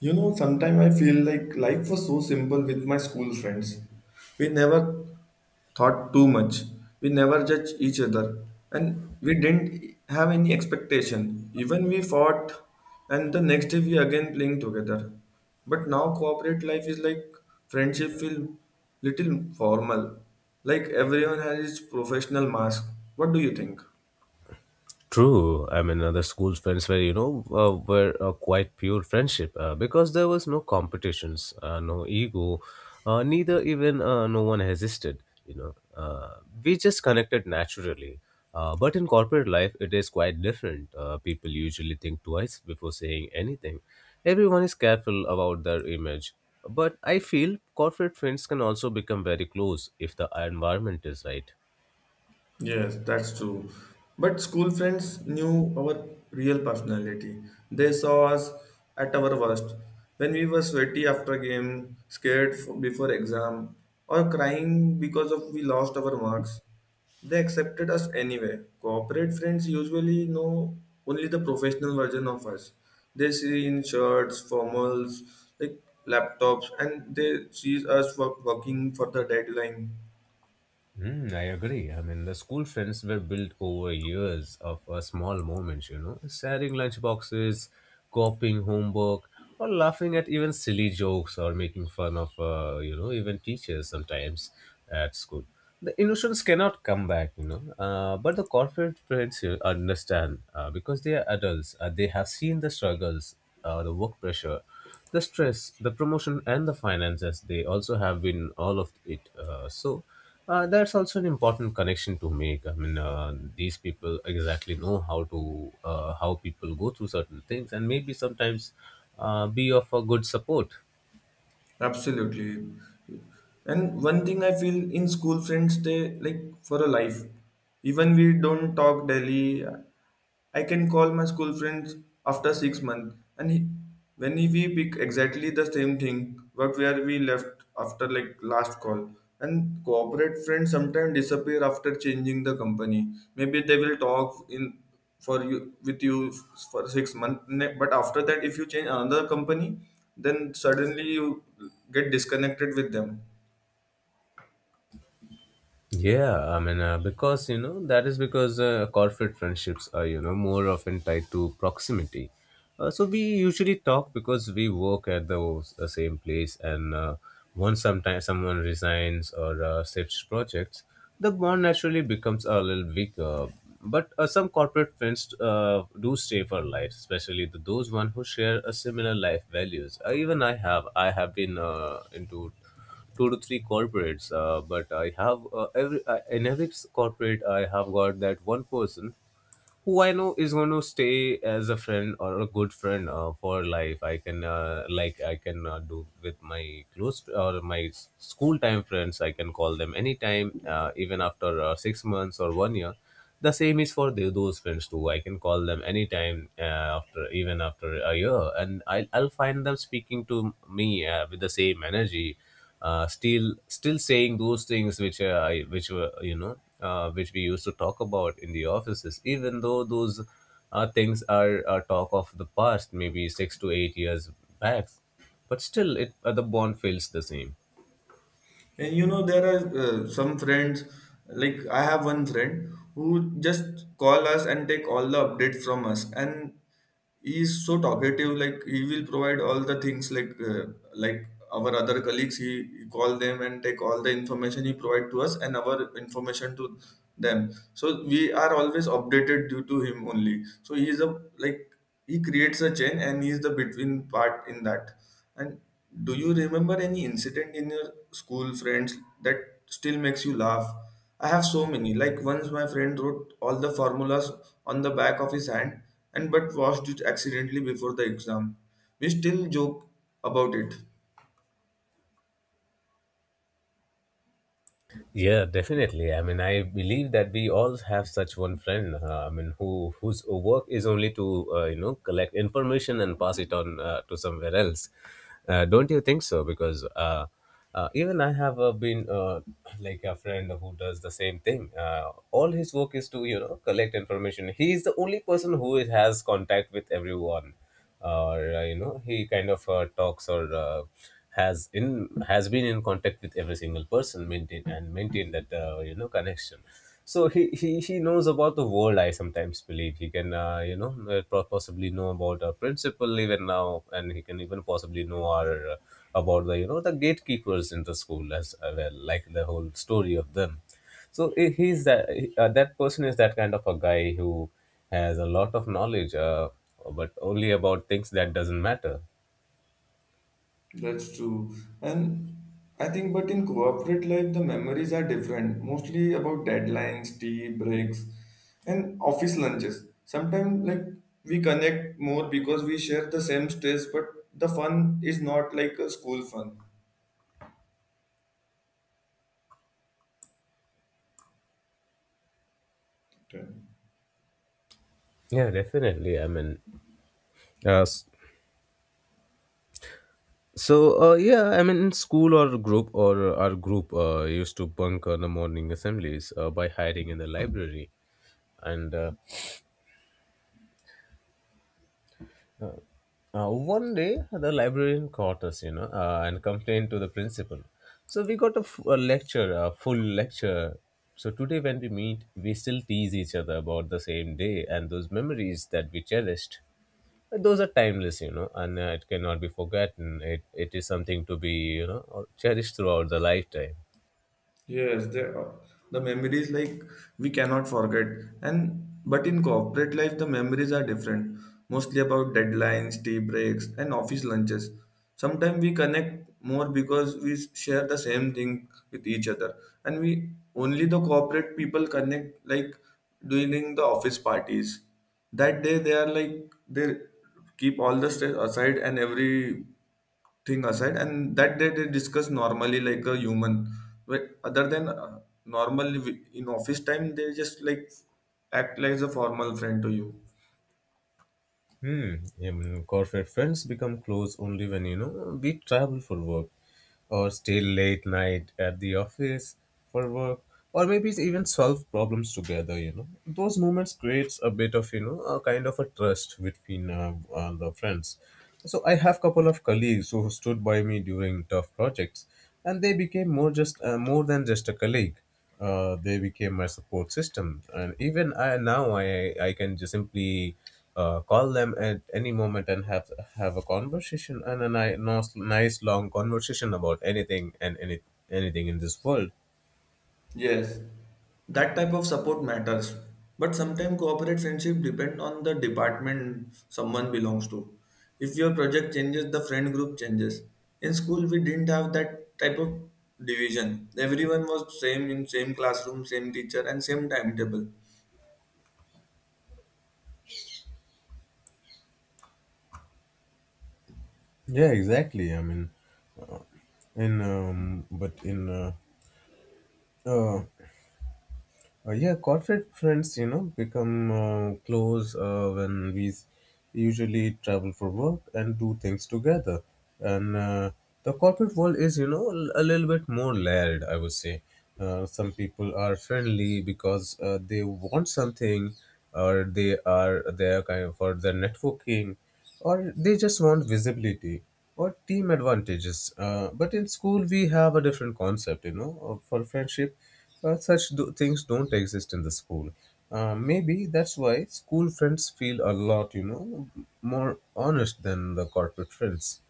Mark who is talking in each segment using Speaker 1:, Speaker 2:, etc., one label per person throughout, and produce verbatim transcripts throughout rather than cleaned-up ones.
Speaker 1: You know, sometimes I feel like life was so simple with my school friends. We never thought too much. We never judged each other. And we didn't have any expectation. Even we fought and the next day we again playing together. But now corporate life is like friendship feel little formal. Like everyone has his professional mask. What do you think?
Speaker 2: True. I mean, uh, the school friends were, you know, uh, were uh, quite pure friendship uh, because there was no competitions, uh, no ego, uh, neither even uh, no one resisted. You know, uh, we just connected naturally. Uh, but in corporate life, it is quite different. Uh, people usually think twice before saying anything. Everyone is careful about their image. But I feel corporate friends can also become very close if the environment is right.
Speaker 1: Yes, that's true. But school friends knew our real personality. They saw us at our worst. When we were sweaty after game, scared f- before exam, or crying because of we lost our marks, they accepted us anyway. Corporate friends usually know only the professional version of us. They see in shirts, formals, like laptops, and they see us work, working for the deadline.
Speaker 2: Mm, I agree. I mean, the school friends were built over years of uh, small moments, you know, sharing lunchboxes, copying homework, or laughing at even silly jokes or making fun of, uh, you know, even teachers sometimes at school. The innocence cannot come back, you know, uh, but the corporate friends you understand uh, because they are adults, uh, they have seen the struggles, uh, the work pressure the stress, the promotion, and the finances, they also have been all of it. Uh, so uh, that's also an important connection to make. I mean, uh, these people exactly know how to uh, how people go through certain things, and maybe sometimes uh, be of a good support.
Speaker 1: Absolutely. And one thing I feel in school friends, they like for a life. Even we don't talk daily, I can call my school friends after six months, and he, when we pick exactly the same thing, but where we left after like last call. And corporate friends sometimes disappear after changing the company. Maybe they will talk in for you with you for six months, but after that, if you change another company, then suddenly you get disconnected with them.
Speaker 2: Yeah, I mean, uh, because you know that is because uh, corporate friendships are you know more often tied to proximity. Uh, so we usually talk because we work at the uh, same place, and uh, once sometimes someone resigns or uh, shifts projects, the bond naturally becomes a little weaker. But uh, some corporate friends uh, do stay for life, especially the, those one who share a similar life values. Uh, even I have, I have been uh, into two to three corporates. Uh, but I have uh, every uh, in every corporate I have got that one person who I know is going to stay as a friend or a good friend uh, for life. I can uh, like I can uh, do with my close or my s- school time friends. I can call them anytime, uh, even after uh, six months or one year. The same is for the, those friends too. I can call them anytime uh, after even after a year, and I'll, I'll find them speaking to me uh, with the same energy uh, still still saying those things which uh, I which were you know uh, which we used to talk about in the offices, even though those uh, things are uh, talk of the past, maybe six to eight years back, but still it uh, the bond feels the same.
Speaker 1: And you know, there are uh, some friends, like I have one friend who just call us and take all the updates from us. And he is so talkative, like he will provide all the things like uh, like our other colleagues, he, he call them and take all the information he provide to us and our information to them. So we are always updated due to him only. So he is a like he creates a chain and he's the between part in that and do you remember any incident in your school friends that still makes you laugh. I have so many. Like once my friend wrote all the formulas on the back of his hand and but washed it accidentally before the exam. We still joke about it.
Speaker 2: Yeah, definitely. I mean, I believe that we all have such one friend. Uh, I mean, who whose work is only to uh, you know collect information and pass it on uh, to somewhere else. Uh, don't you think so? Because uh, uh, even I have uh, been uh, like a friend who does the same thing. Uh, all his work is to you know collect information. He is the only person who is- has contact with everyone or uh, you know he kind of uh, talks or uh, has in has been in contact with every single person maintain and maintain that uh, you know connection. So he, he he knows about the world. I sometimes believe he can uh, you know uh, po- possibly know about our principal even now, and he can even possibly know our uh, about the you know the gatekeepers in the school as uh, well, like the whole story of them. So eh, he's that uh, that person is that kind of a guy who has a lot of knowledge, uh, but only about things that doesn't matter.
Speaker 1: That's true. And I think, but in corporate life, the memories are different, mostly about deadlines, tea breaks, and office lunches. Sometimes, like, we connect more because we share the same stress, but the fun is not like a school fun. Okay.
Speaker 2: Yeah, definitely. I mean, uh, s- so uh, yeah i mean in school or group or our group uh, used to bunk uh, the morning assemblies uh, by hiding in the library and uh, Uh, uh, one day, the librarian caught us, you know, uh, and complained to the principal. So we got a, f- a lecture, a full lecture. So today, when we meet, we still tease each other about the same day and those memories that we cherished. uh, Those are timeless, you know, and uh, it cannot be forgotten. It, it is something to be, you know, cherished throughout the lifetime.
Speaker 1: Yes, there are the memories like we cannot forget. And but in corporate life, the memories are different, mostly about deadlines, tea breaks, and office lunches. Sometimes we connect more because we share the same thing with each other, and we only the corporate people connect like during the office parties. That day, they are like they keep all the stress aside and every thing aside and that day they discuss normally like a human but other than uh, normally we- in office time they just like act like a formal friend to you.
Speaker 2: Hmm. Even corporate friends become close only when you know we travel for work, or stay late night at the office for work, or maybe even solve problems together. You know, those moments creates a bit of you know a kind of a trust between uh, uh, the friends. So I have couple of colleagues who stood by me during tough projects, and they became more just uh, more than just a colleague uh, They became my support system, and even I, now I, I can just simply uh, call them at any moment and have have a conversation and a ni- nice, nice long conversation about anything and any, anything in this world.
Speaker 1: Yes, that type of support matters, but sometimes corporate friendship depend on the department someone belongs to. If your project changes the friend group changes. In school we didn't have that type of division. Everyone was same in same classroom, same teacher, and same timetable.
Speaker 2: Yeah, exactly. I mean, uh, in um, but in uh, uh, Uh, yeah, corporate friends, you know, become uh, close uh, when we s- usually travel for work and do things together. And uh, the corporate world is, you know, l- a little bit more layered, I would say. Uh, some people are friendly because uh, they want something, or they are there kind of for their networking, or they just want visibility or team advantages. Uh, but in school, we have a different concept, you know, of- for friendship. Uh, such do- things don't exist in the school. Uh, maybe that's why school friends feel a lot, you know, more honest than the corporate friends.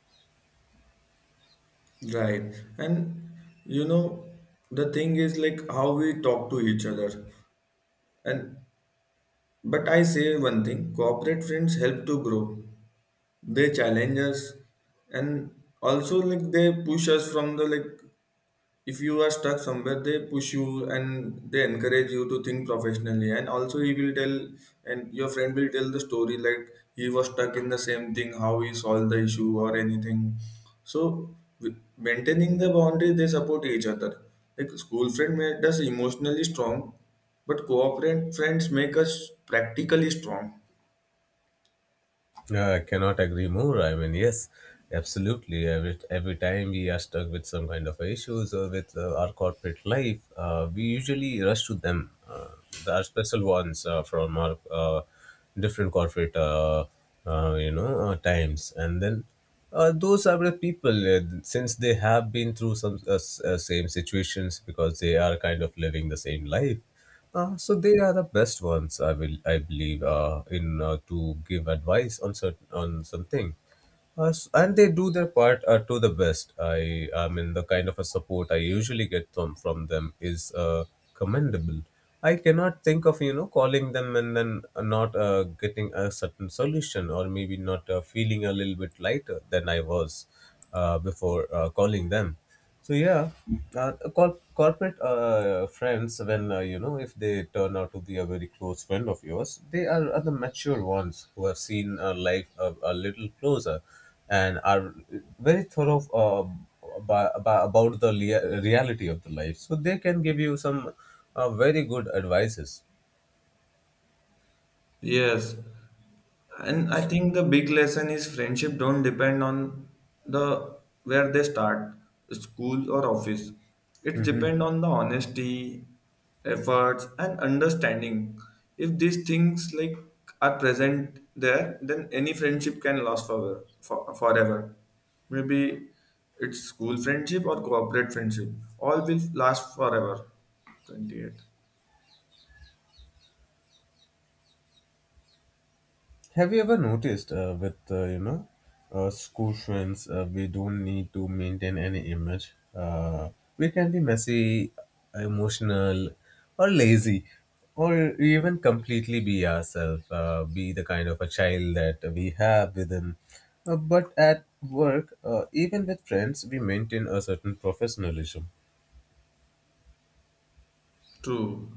Speaker 1: Right. And you know, the thing is like how we talk to each other. And but I say one thing, corporate friends help to grow. They challenge us and also like they push us from the like if you are stuck somewhere they push you and they encourage you to think professionally and also he will tell and your friend will tell the story like he was stuck in the same thing how he solved the issue or anything. So with maintaining the boundary they support each other, like school friend made us emotionally strong but cooperate friends make us practically strong.
Speaker 2: Yeah, I cannot agree more. I mean, yes, absolutely. Every, every time we are stuck with some kind of issues or with uh, our corporate life, uh, we usually rush to them. Uh, there are special ones uh, from our uh, different corporate, uh, uh, you know, uh, times. And then uh, those are the people, uh, since they have been through some uh, s- uh, same situations, because they are kind of living the same life. Uh, so they are the best ones, I will, I believe, uh, in uh, to give advice on certain on something. Uh, s- and they do their part uh, to the best. I, I mean, the kind of a support I usually get from from them is uh, commendable. I cannot think of you know calling them and then not uh, getting a certain solution, or maybe not uh, feeling a little bit lighter than I was uh, before uh, calling them. So yeah, uh, cor- corporate uh, friends, when uh, you know if they turn out to be a very close friend of yours, they are, are the mature ones who have seen uh, life a, a little closer, and are very thorough um, about, about the lea- reality of the life, so they can give you some uh, very good advices.
Speaker 1: Yes, and I think the big lesson is friendship don't depend on the where they start, school or office. It
Speaker 2: Mhm.
Speaker 1: depend on the honesty, efforts, and understanding. If these things like are present there then any friendship can last forever for, forever. Maybe it's school friendship or corporate friendship, all will last forever. twenty-eight.
Speaker 2: Have you ever noticed uh, with uh, you know uh, school friends, uh, we don't need to maintain any image? Uh, we can be messy, emotional, or lazy, or even completely be ourselves. Uh, be the kind of a child that we have within. Uh, but at work, uh, even with friends, we maintain a certain professionalism.
Speaker 1: True,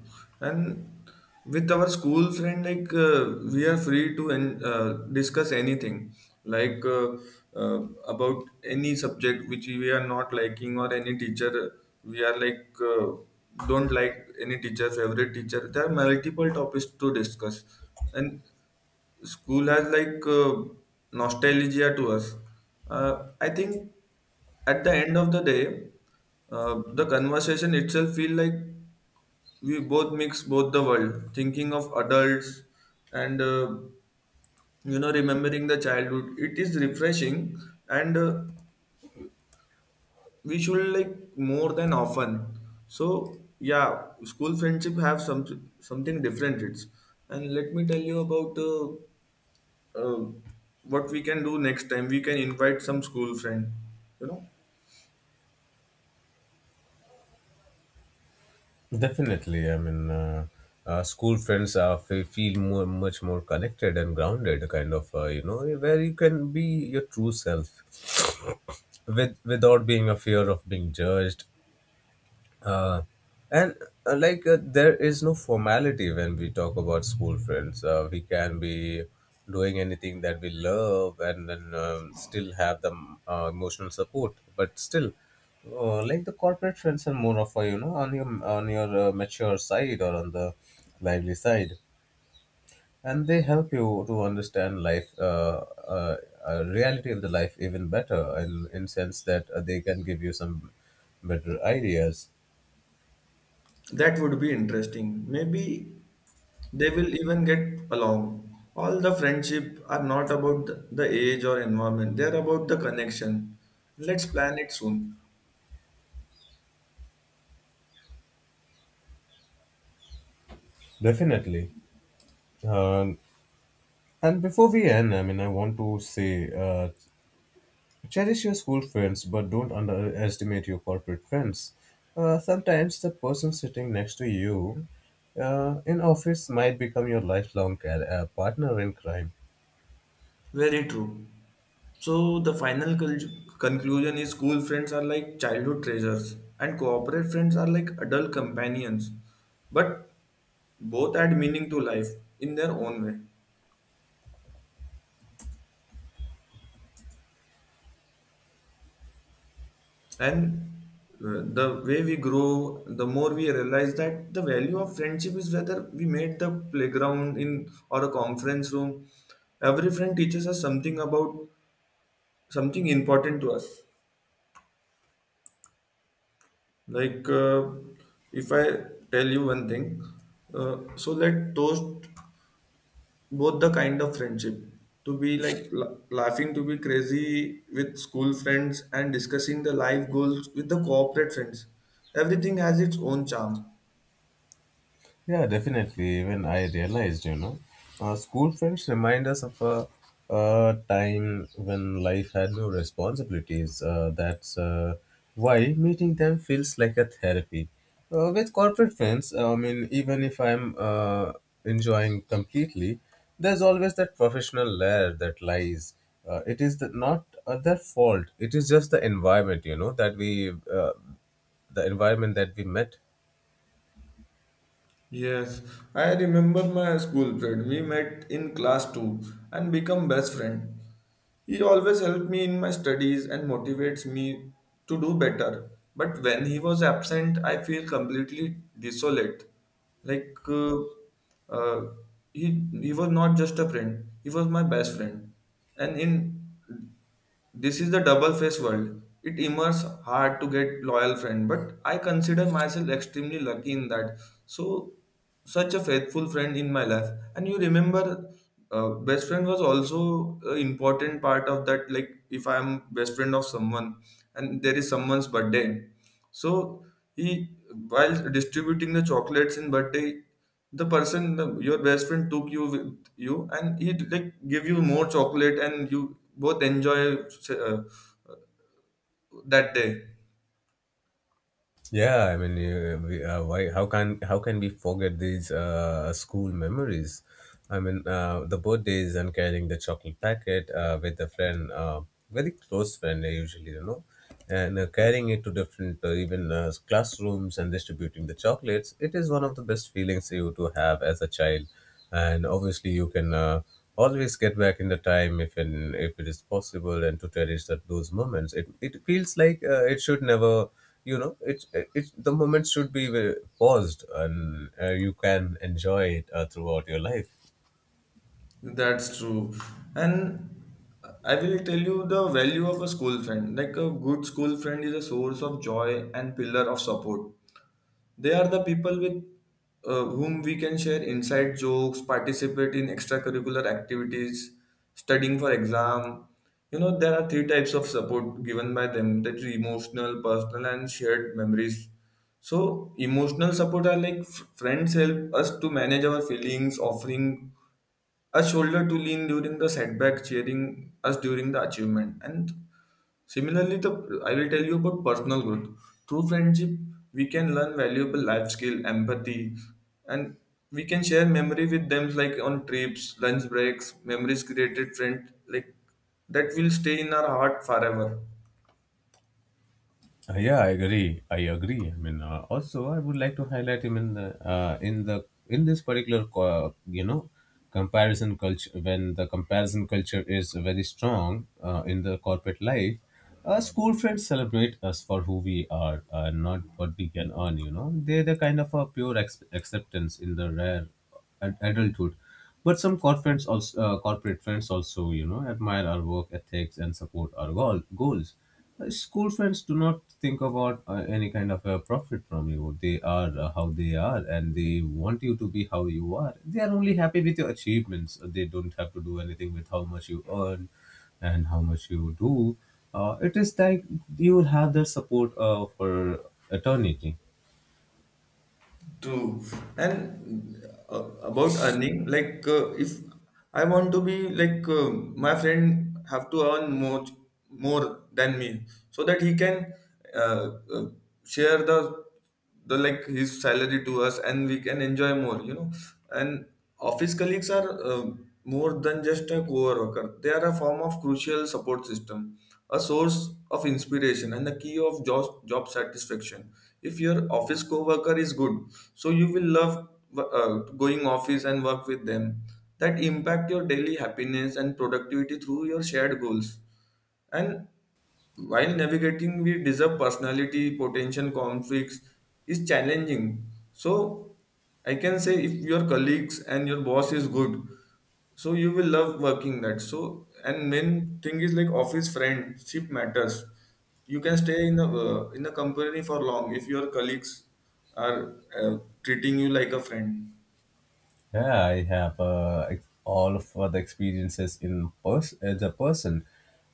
Speaker 1: and with our school friend, like uh, we are free to en- uh, discuss anything, like uh, uh, about any subject which we are not liking or any teacher we are like uh, don't like. Any teacher, favorite teacher. There are multiple topics to discuss, and school has like uh, nostalgia to us. Uh, I think at the end of the day, uh, the conversation itself feel like we both mix both the world thinking of adults and uh, you know remembering the childhood. It is refreshing, and uh, we should like more than often. So yeah, school friendship have some something different. It's and let me tell you about uh, uh, what we can do next time. We can invite some school friend, you know.
Speaker 2: Definitely, I mean, uh, uh, school friends are fe- feel more, much more connected and grounded, kind of, uh, you know, where you can be your true self, with without being a fear of being judged, uh, and uh, like uh, there is no formality when we talk about school friends. Uh, we can be doing anything that we love, and then um, still have the um, uh, emotional support. But still, uh, like the corporate friends are more of a you know on your on your uh, mature side, or on the lively side, and they help you to understand life, uh, uh, uh, reality of the life even better, in in sense that uh, they can give you some better ideas.
Speaker 1: That would be interesting maybe. They will even get along. All the friendship are not about the the age or environment. They are about the connection. Let's plan it soon.
Speaker 2: Definitely. Uh, and before we end, I mean, I want to say uh, cherish your school friends, but don't underestimate your corporate friends. Uh, sometimes the person sitting next to you uh, in office might become your lifelong car- uh, partner in crime.
Speaker 1: Very true. So the final cul- conclusion is school friends are like childhood treasures and corporate friends are like adult companions. But both add meaning to life in their own way. And uh, the way we grow, the more we realize that the value of friendship is whether we made the playground in or a conference room. Every friend teaches us something about something important to us. Like uh, if I tell you one thing, uh, so let toast both the kind of friendship to be like la- laughing to be crazy with school friends and discussing the life goals with the corporate friends. Everything has its own charm.
Speaker 2: Yeah, definitely. When I realized, you know, uh, school friends remind us of a, a time when life had no responsibilities. Uh, that's uh, why meeting them feels like a therapy. Uh, with corporate friends, I mean, even if I'm uh, enjoying completely, there's always that professional layer that lies. Uh, it is the, not uh, their fault. It is just the environment, you know, that we, uh, the environment that we met.
Speaker 1: Yes, I remember my school friend. We met in class two and become best friend. He always helped me in my studies and motivates me to do better. But when he was absent, I feel completely desolate. Like uh, uh, he he was not just a friend; he was my best friend. And in this is the double face world. It immerse hard to get loyal friend, but I consider myself extremely lucky in that. So such a faithful friend in my life. And you remember, uh, best friend was also an important part of that. Like if I am best friend of someone and there is someone's birthday, so he while distributing the chocolates in birthday the person the, your best friend took you with you and he like give you more chocolate and you both enjoy uh, that day.
Speaker 2: Yeah, I mean, uh, we, uh, why? How can how can we forget these uh, school memories? I mean, uh, the birthdays and carrying the chocolate packet uh, with a friend, uh, very close friend uh, usually, you know, and uh, carrying it to different uh, even uh, classrooms and distributing the chocolates. It is one of the best feelings you to have as a child, and obviously you can uh, always get back in the time if in, if it is possible and to cherish that those moments. It it feels like uh, it should never you know it's it's the moment should be ve- paused and uh, you can enjoy it uh, throughout your life.
Speaker 1: That's true. And I will tell you the value of a school friend. Like a good school friend is a source of joy and pillar of support. They are the people with uh, whom we can share inside jokes, participate in extracurricular activities, studying for exam. You know, there are three types of support given by them, that is emotional, personal, and shared memories. So, emotional support are like f- friends help us to manage our feelings, offering a shoulder to lean during the setback, cheering us during the achievement. And similarly, the I will tell you about personal growth. Through friendship, we can learn valuable life skill, empathy, and we can share memory with them like on trips, lunch breaks, memories created friend like that will stay in our heart forever.
Speaker 2: Uh, yeah, i agree i agree i mean uh, Also, I would like to highlight him in the uh, in the in this particular co- you know comparison culture, when the comparison culture is very strong uh, in the corporate life. Uh, school friends celebrate us for who we are, uh, not what we can earn. You know, they're the kind of a pure ex- acceptance in the rare ad- adulthood. But some corporate friends also— uh, corporate friends also, you know, admire our work ethics and support our goal, goals. Uh, School friends do not think about uh, any kind of a profit from you. They are uh, how they are, and they want you to be how you are. They are only happy with your achievements. They don't have to do anything with how much you earn and how much you do. Uh, it is like you will have their support uh, for eternity.
Speaker 1: True. And uh, about earning, like uh, if I want to be like uh, my friend have to earn more more than me so that he can uh, uh, share the the like his salary to us and we can enjoy more, you know. And office colleagues are uh, more than just a co-worker. They are a form of crucial support system, a source of inspiration and the key of job, job satisfaction. If your office coworker is good so you will love uh, going office and work with them. That impact your daily happiness and productivity through your shared goals, and while navigating, we deserve personality, potential conflicts is challenging. So I can say if your colleagues and your boss is good, so you will love working that. So and main thing is like office friendship matters. You can stay in a uh, in a company for long if your colleagues are uh, treating you like a friend.
Speaker 2: Yeah, I have uh, ex- all of the experiences in pers- as a person.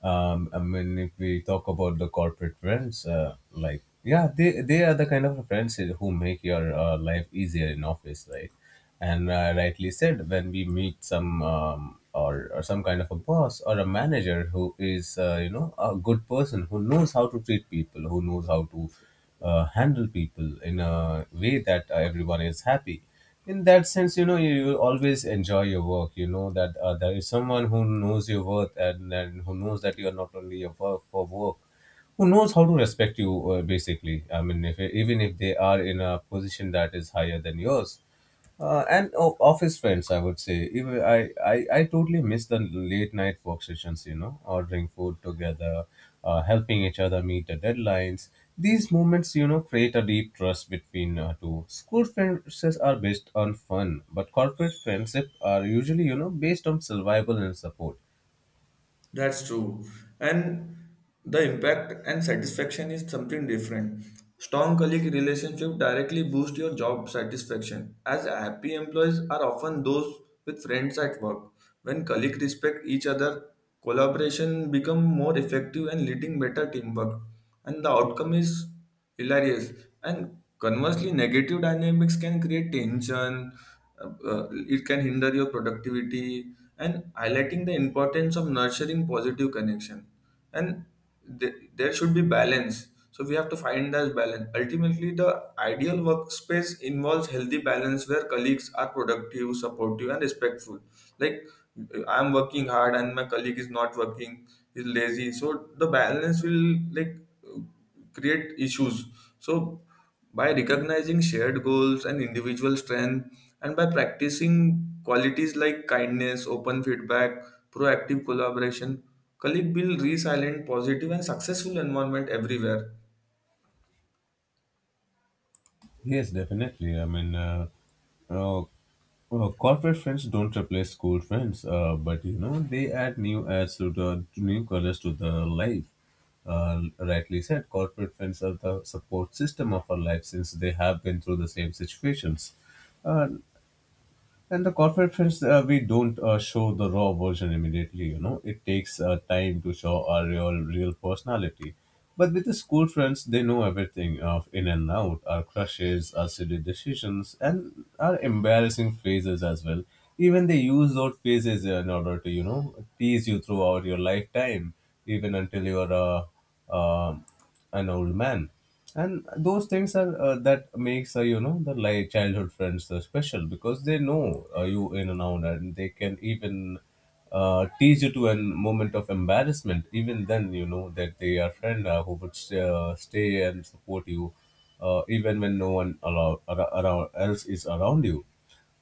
Speaker 2: Um, I mean, if we talk about the corporate friends, uh, like, yeah, they they are the kind of friends who make your uh, life easier in office, right? And uh, rightly said, when we meet some um, or or some kind of a boss or a manager who is, uh, you know, a good person, who knows how to treat people, who knows how to uh, handle people in a way that uh, everyone is happy. In that sense, you know, you always enjoy your work. You know that uh, there is someone who knows your worth, and, and who knows that you are not only a work for work, who knows how to respect you, uh, basically. I mean, if even if they are in a position that is higher than yours. Uh, and o- office friends, I would say, even I, I i totally miss the late night work sessions, you know, ordering food together, uh, helping each other meet the deadlines. These moments, you know, create a deep trust between uh, two. School friendships are based on fun, but corporate friendship are usually, you know, based on survival and support.
Speaker 1: That's true. And the impact and satisfaction is something different. Strong colleague relationship directly boost your job satisfaction as happy employees are often those with friends at work. When colleagues respect each other, collaboration become more effective and leading better teamwork. And the outcome is hilarious and conversely negative dynamics can create tension. Uh, uh, it can hinder your productivity and highlighting the importance of nurturing positive connection. And th- there should be balance so we have to find that balance. Ultimately the ideal workspace involves healthy balance where colleagues are productive, supportive, and respectful. Like I'm working hard and my colleague is not working, is lazy, so the balance will like create issues. So, by recognizing shared goals and individual strength, and by practicing qualities like kindness, open feedback, proactive collaboration, colleagues build resilient, positive, and successful environment everywhere.
Speaker 2: Yes, definitely. i mean uh, uh, Uh, corporate friends don't replace school friends, uh, but you know they add new adds to the— to new colors to the life. Uh, rightly said, corporate friends are the support system of our life since they have been through the same situations. Uh, and the corporate friends, uh, we don't uh, show the raw version immediately. You know, it takes uh, time to show our real, real personality. But with the school friends, they know everything of in and out, our crushes, our silly decisions, and our embarrassing phases as well. Even they use those phases in order to, you know, tease you throughout your lifetime, even until you're uh, um an old man. And those things are uh, that makes, uh, you know, the like childhood friends uh, special, because they know, uh, you, in and out, and they can even uh, tease you to a moment of embarrassment. Even then you know that they are friend uh, who would uh, stay and support you uh, even when no one allow, ar- around else is around you.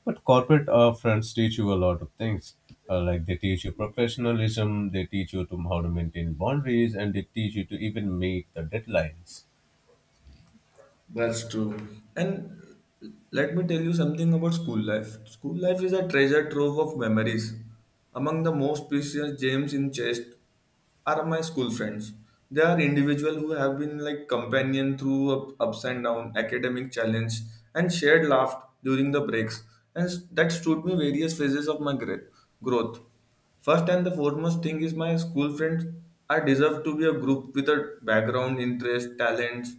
Speaker 2: But corporate uh, friends teach you a lot of things. Uh, like, they teach you professionalism, they teach you to how to maintain boundaries, and they teach you to even meet the deadlines.
Speaker 1: That's true. And let me tell you something about school life. School life is a treasure trove of memories. Among the most precious gems in chest are my school friends. They are individuals who have been like companion through up- ups and down, academic challenge, and shared laugh during the breaks. And s- that stood me various phases of my gra- growth. First and the foremost thing is my school friends. I deserve to be a group with a background, interest, talents,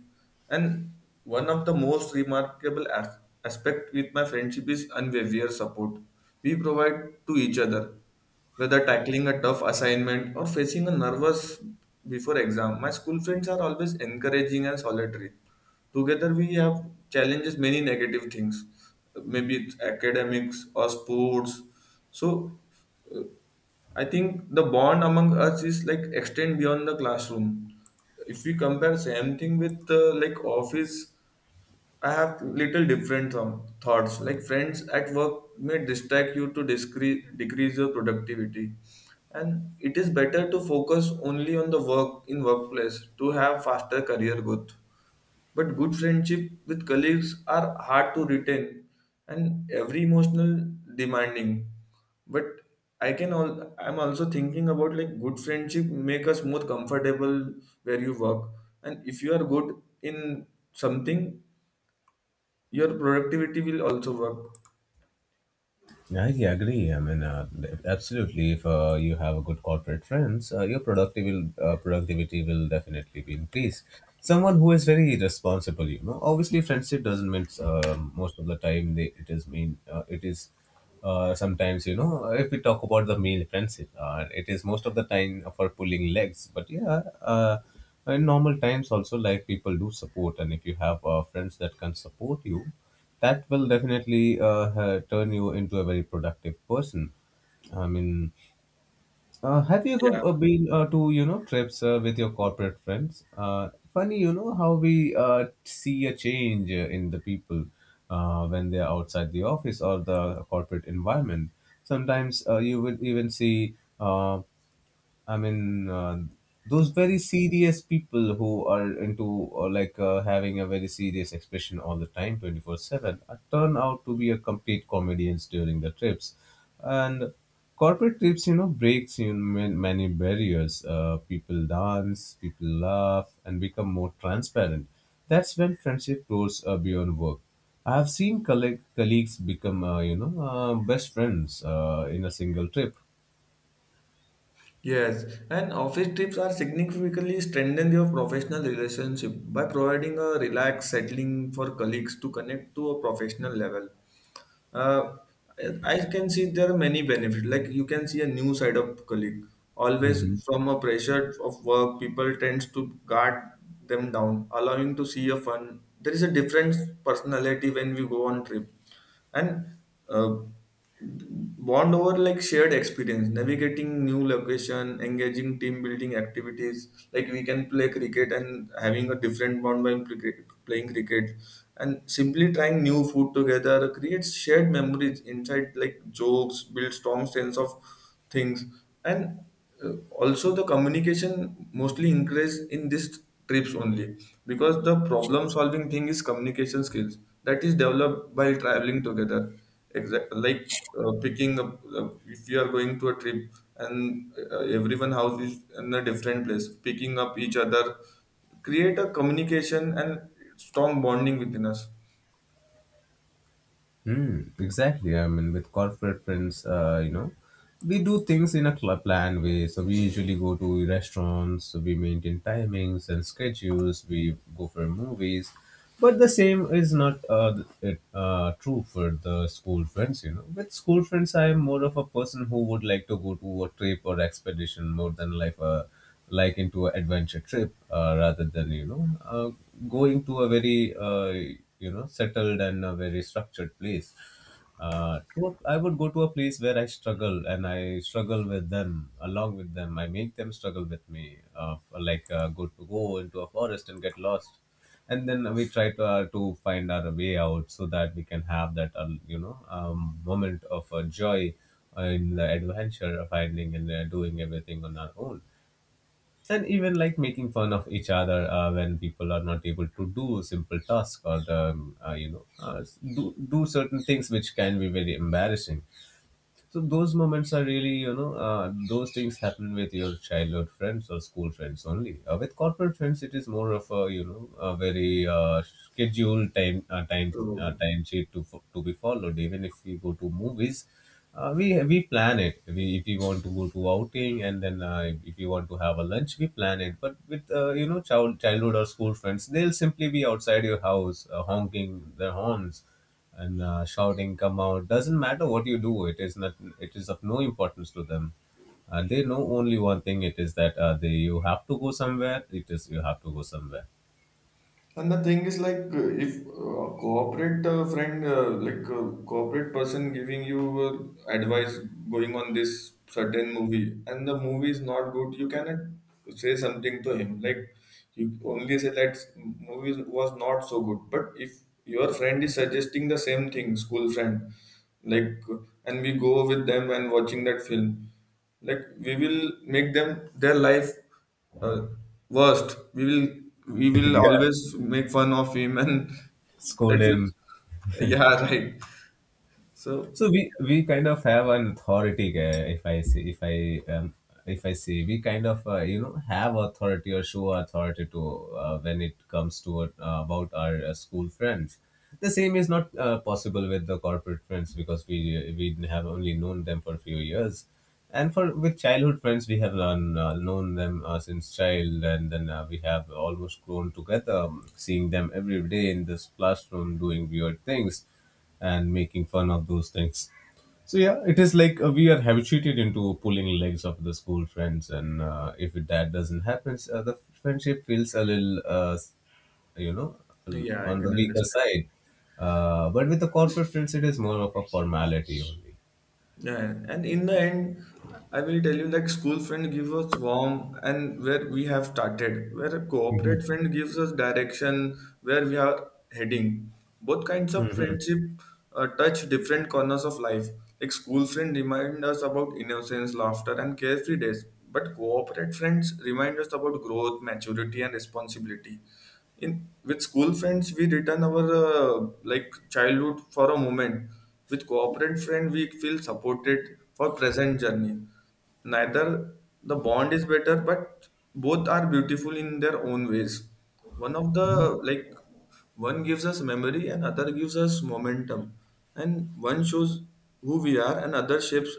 Speaker 1: and one of the most remarkable as- aspect with my friendship is unwavering support we provide to each other. Whether tackling a tough assignment or facing a nervous before exam, my school friends are always encouraging and solitary. Together we have challenges many negative things, maybe it's academics or sports. So I think the bond among us is like extend beyond the classroom. If we compare same thing with uh, like office, I have little different um, thoughts. Like friends at work may distract you to discre- decrease your productivity, and it is better to focus only on the work in workplace to have faster career growth. But good friendship with colleagues are hard to retain and every emotional demanding. But I can all I'm also thinking about like good friendship make us more comfortable where you work. And if you are good in something, your productivity will also work.
Speaker 2: Yeah, I agree. I mean, uh, absolutely. If uh, you have a good corporate friends, uh, your productivity will, uh, productivity will definitely be increased. Someone who is very responsible, you know. Obviously, friendship doesn't mean, uh, most of the time they— it is mean. Uh, it is, uh, sometimes, you know, if we talk about the male friendship, uh, it is most of the time for pulling legs. But yeah, uh, in normal times also, like, people do support, and if you have uh, friends that can support you, that will definitely uh, ha- turn you into a very productive person. I mean, uh, have you
Speaker 1: Yeah.
Speaker 2: ever uh, been uh, to, you know, trips uh, with your corporate friends? Uh, funny, you know, how we uh, see a change uh, in the people uh, when they are outside the office or the corporate environment. Sometimes uh, you will even see. Uh, I mean, uh, those very serious people who are into uh, like uh, having a very serious expression all the time, twenty four seven, uh, turn out to be a complete comedians during the trips. And corporate trips, you know, breaks in man- many barriers. Uh, people dance, people laugh, and become more transparent. That's when friendship grows uh, beyond work. I have seen colleague- colleagues become, uh, you know, uh, best friends uh, in a single trip.
Speaker 1: Yes, and office trips are significantly strengthen your professional relationship by providing a relaxed settling for colleagues to connect to a professional level. uh, I can see there are many benefits. Like you can see a new side of colleague. Always from a pressure of work, people tends to guard them down, allowing to see a fun. There is a different personality when we go on trip, and uh, bond over like shared experience navigating new location engaging team building activities like we can play cricket and having a different bond while cricket- playing cricket and simply trying new food together creates shared memories inside like jokes build strong sense of things and uh, also the communication mostly increase in these trips only because the problem solving thing is communication skills that is developed by traveling together exact like uh, picking up uh, if you are going to a trip and uh, everyone house is in a different place picking up each other create a communication and strong bonding within us.
Speaker 2: Mm, exactly. I mean, with corporate friends, uh, you know, we do things in a cl- planned way. So we usually go to restaurants, so we maintain timings and schedules, we go for movies. But the same is not uh, it, uh, true for the school friends, you know. With school friends, I am more of a person who would like to go to a trip or expedition more than like a— like into an adventure trip, uh, rather than, you know uh, going to a very, uh, you know settled and a very structured place. uh, to a, I would go to a place where I struggle, and I struggle with them, along with them. I make them struggle with me, uh, like, uh, go to— go into a forest and get lost, and then we try to uh, to find our way out so that we can have that, uh, you know um, moment of uh, joy in the adventure of finding and uh, doing everything on our own, and even like making fun of each other uh, when people are not able to do simple tasks, or um, uh, you know uh, do do certain things which can be very embarrassing. So those moments are really, you know, uh, those things happen with your childhood friends or school friends only. Uh, with corporate friends, it is more of a, you know, a very uh, scheduled time uh, time uh,
Speaker 1: True.
Speaker 2: time sheet to fo- to be followed. Even if we go to movies, uh, we we plan it. We— if we want to go to outing, and then uh, if you want to have a lunch, we plan it. But with, uh, you know child childhood or school friends, they'll simply be outside your house uh, honking their horns and uh, shouting, "Come out." Doesn't matter what you do, it is not— it is of no importance to them. Uh, they know only one thing. It is that, uh, they you have to go somewhere. It is you have to go somewhere.
Speaker 1: And the thing is, like, uh, if uh, corporate uh, friend, uh, like, uh, corporate person giving you uh, advice going on this certain movie, and the movie is not good, you cannot say something to him. Like, you only say that movie was not so good. But if your friend is suggesting the same thing, school friend, like, and we go with them and watching that film, like, we will make them their life uh, worst. We will we will
Speaker 2: Yeah,
Speaker 1: always make fun of him, and
Speaker 2: scold
Speaker 1: that
Speaker 2: him.
Speaker 1: will yeah right so.
Speaker 2: So we we kind of have an authority. Uh, if I say if I um, if I say, we kind of, uh, you know have authority or show authority to, uh, when it comes to, uh, about our uh, school friends. The same is not uh, possible with the corporate friends, because we we have only known them for a few years, and for— with childhood friends we have learned, uh, known them uh, since child, and then uh, we have almost grown together, um, seeing them every day in this classroom doing weird things and making fun of those things. So yeah, it is like uh, we are habituated into pulling legs of the school friends, and uh, if that doesn't happen, uh, the friendship feels a little, uh, you know,
Speaker 1: Yeah, I
Speaker 2: on the
Speaker 1: can
Speaker 2: weaker
Speaker 1: understand.
Speaker 2: side. Uh, but with the corporate friends, it is more of a formality only.
Speaker 1: Yeah, and in the end, I will tell you like school friend gives us warm and where we have started, where a
Speaker 2: Mhm.
Speaker 1: corporate friend gives us direction where we are heading. Both kinds of
Speaker 2: Mhm.
Speaker 1: friendship uh, touch different corners of life. Like school friend remind us about innocence, laughter, and carefree days, but corporate friends remind us about growth, maturity, and responsibility in. With school friends we return our uh, like childhood for a moment. With corporate friend we feel supported for present journey. Neither the bond is better, but both are beautiful in their own ways. One of the, like, one gives us memory and other gives us momentum, and one shows who we are and other shapes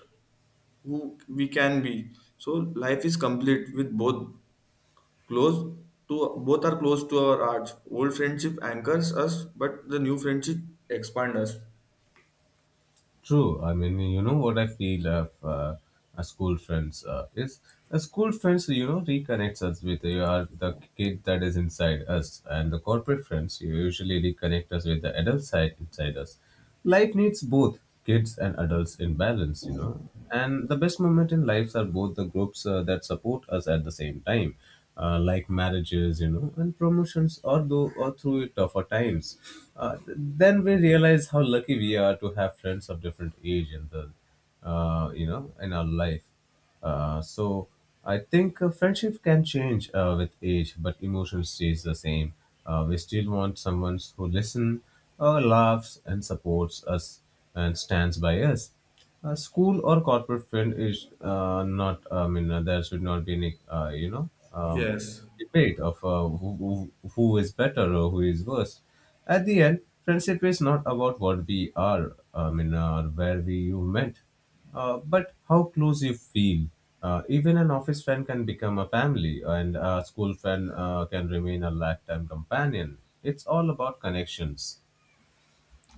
Speaker 1: who we can be. So life is complete with both. Close to both are close to our hearts. Old friendship anchors us, but the new friendship expands us.
Speaker 2: True. I mean, you know what I feel of, uh, a school friends uh, is a school friends, you know, reconnects us with uh, the kid that is inside us, and the corporate friends you usually reconnect us with the adult side inside us. Life needs both kids and adults in balance, you know. And the best moment in lives are both the groups uh, that support us at the same time, uh, like marriages, you know, and promotions, or though or through tougher times. Uh, th- then we realize how lucky we are to have friends of different age in the, uh, you know, in our life. Uh, so I think uh, friendship can change uh, with age, but emotion stays the same. Uh, we still want someone who listens, uh, laughs, and supports us and stands by us. A school or corporate friend is, uh, not— I mean, uh, there should not be any, Uh, you know. Um,
Speaker 1: Yes.
Speaker 2: debate of, uh, who, who who is better or who is worse. At the end, friendship is not about what we are, I mean, or where we you met. Uh, but how close you feel. Uh, even an office friend can become a family, and a school friend uh, can remain a lifetime companion. It's all about connections.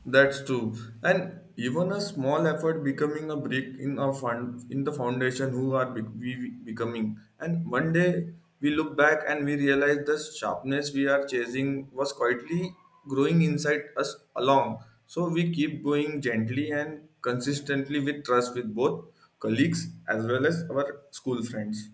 Speaker 1: That's true. And even a small effort becoming a brick in our fund in the foundation who are be- we becoming. And one day we look back and we realize the sharpness we are chasing was quietly growing inside us along. So we keep going gently and consistently with trust with both colleagues as well as our school friends.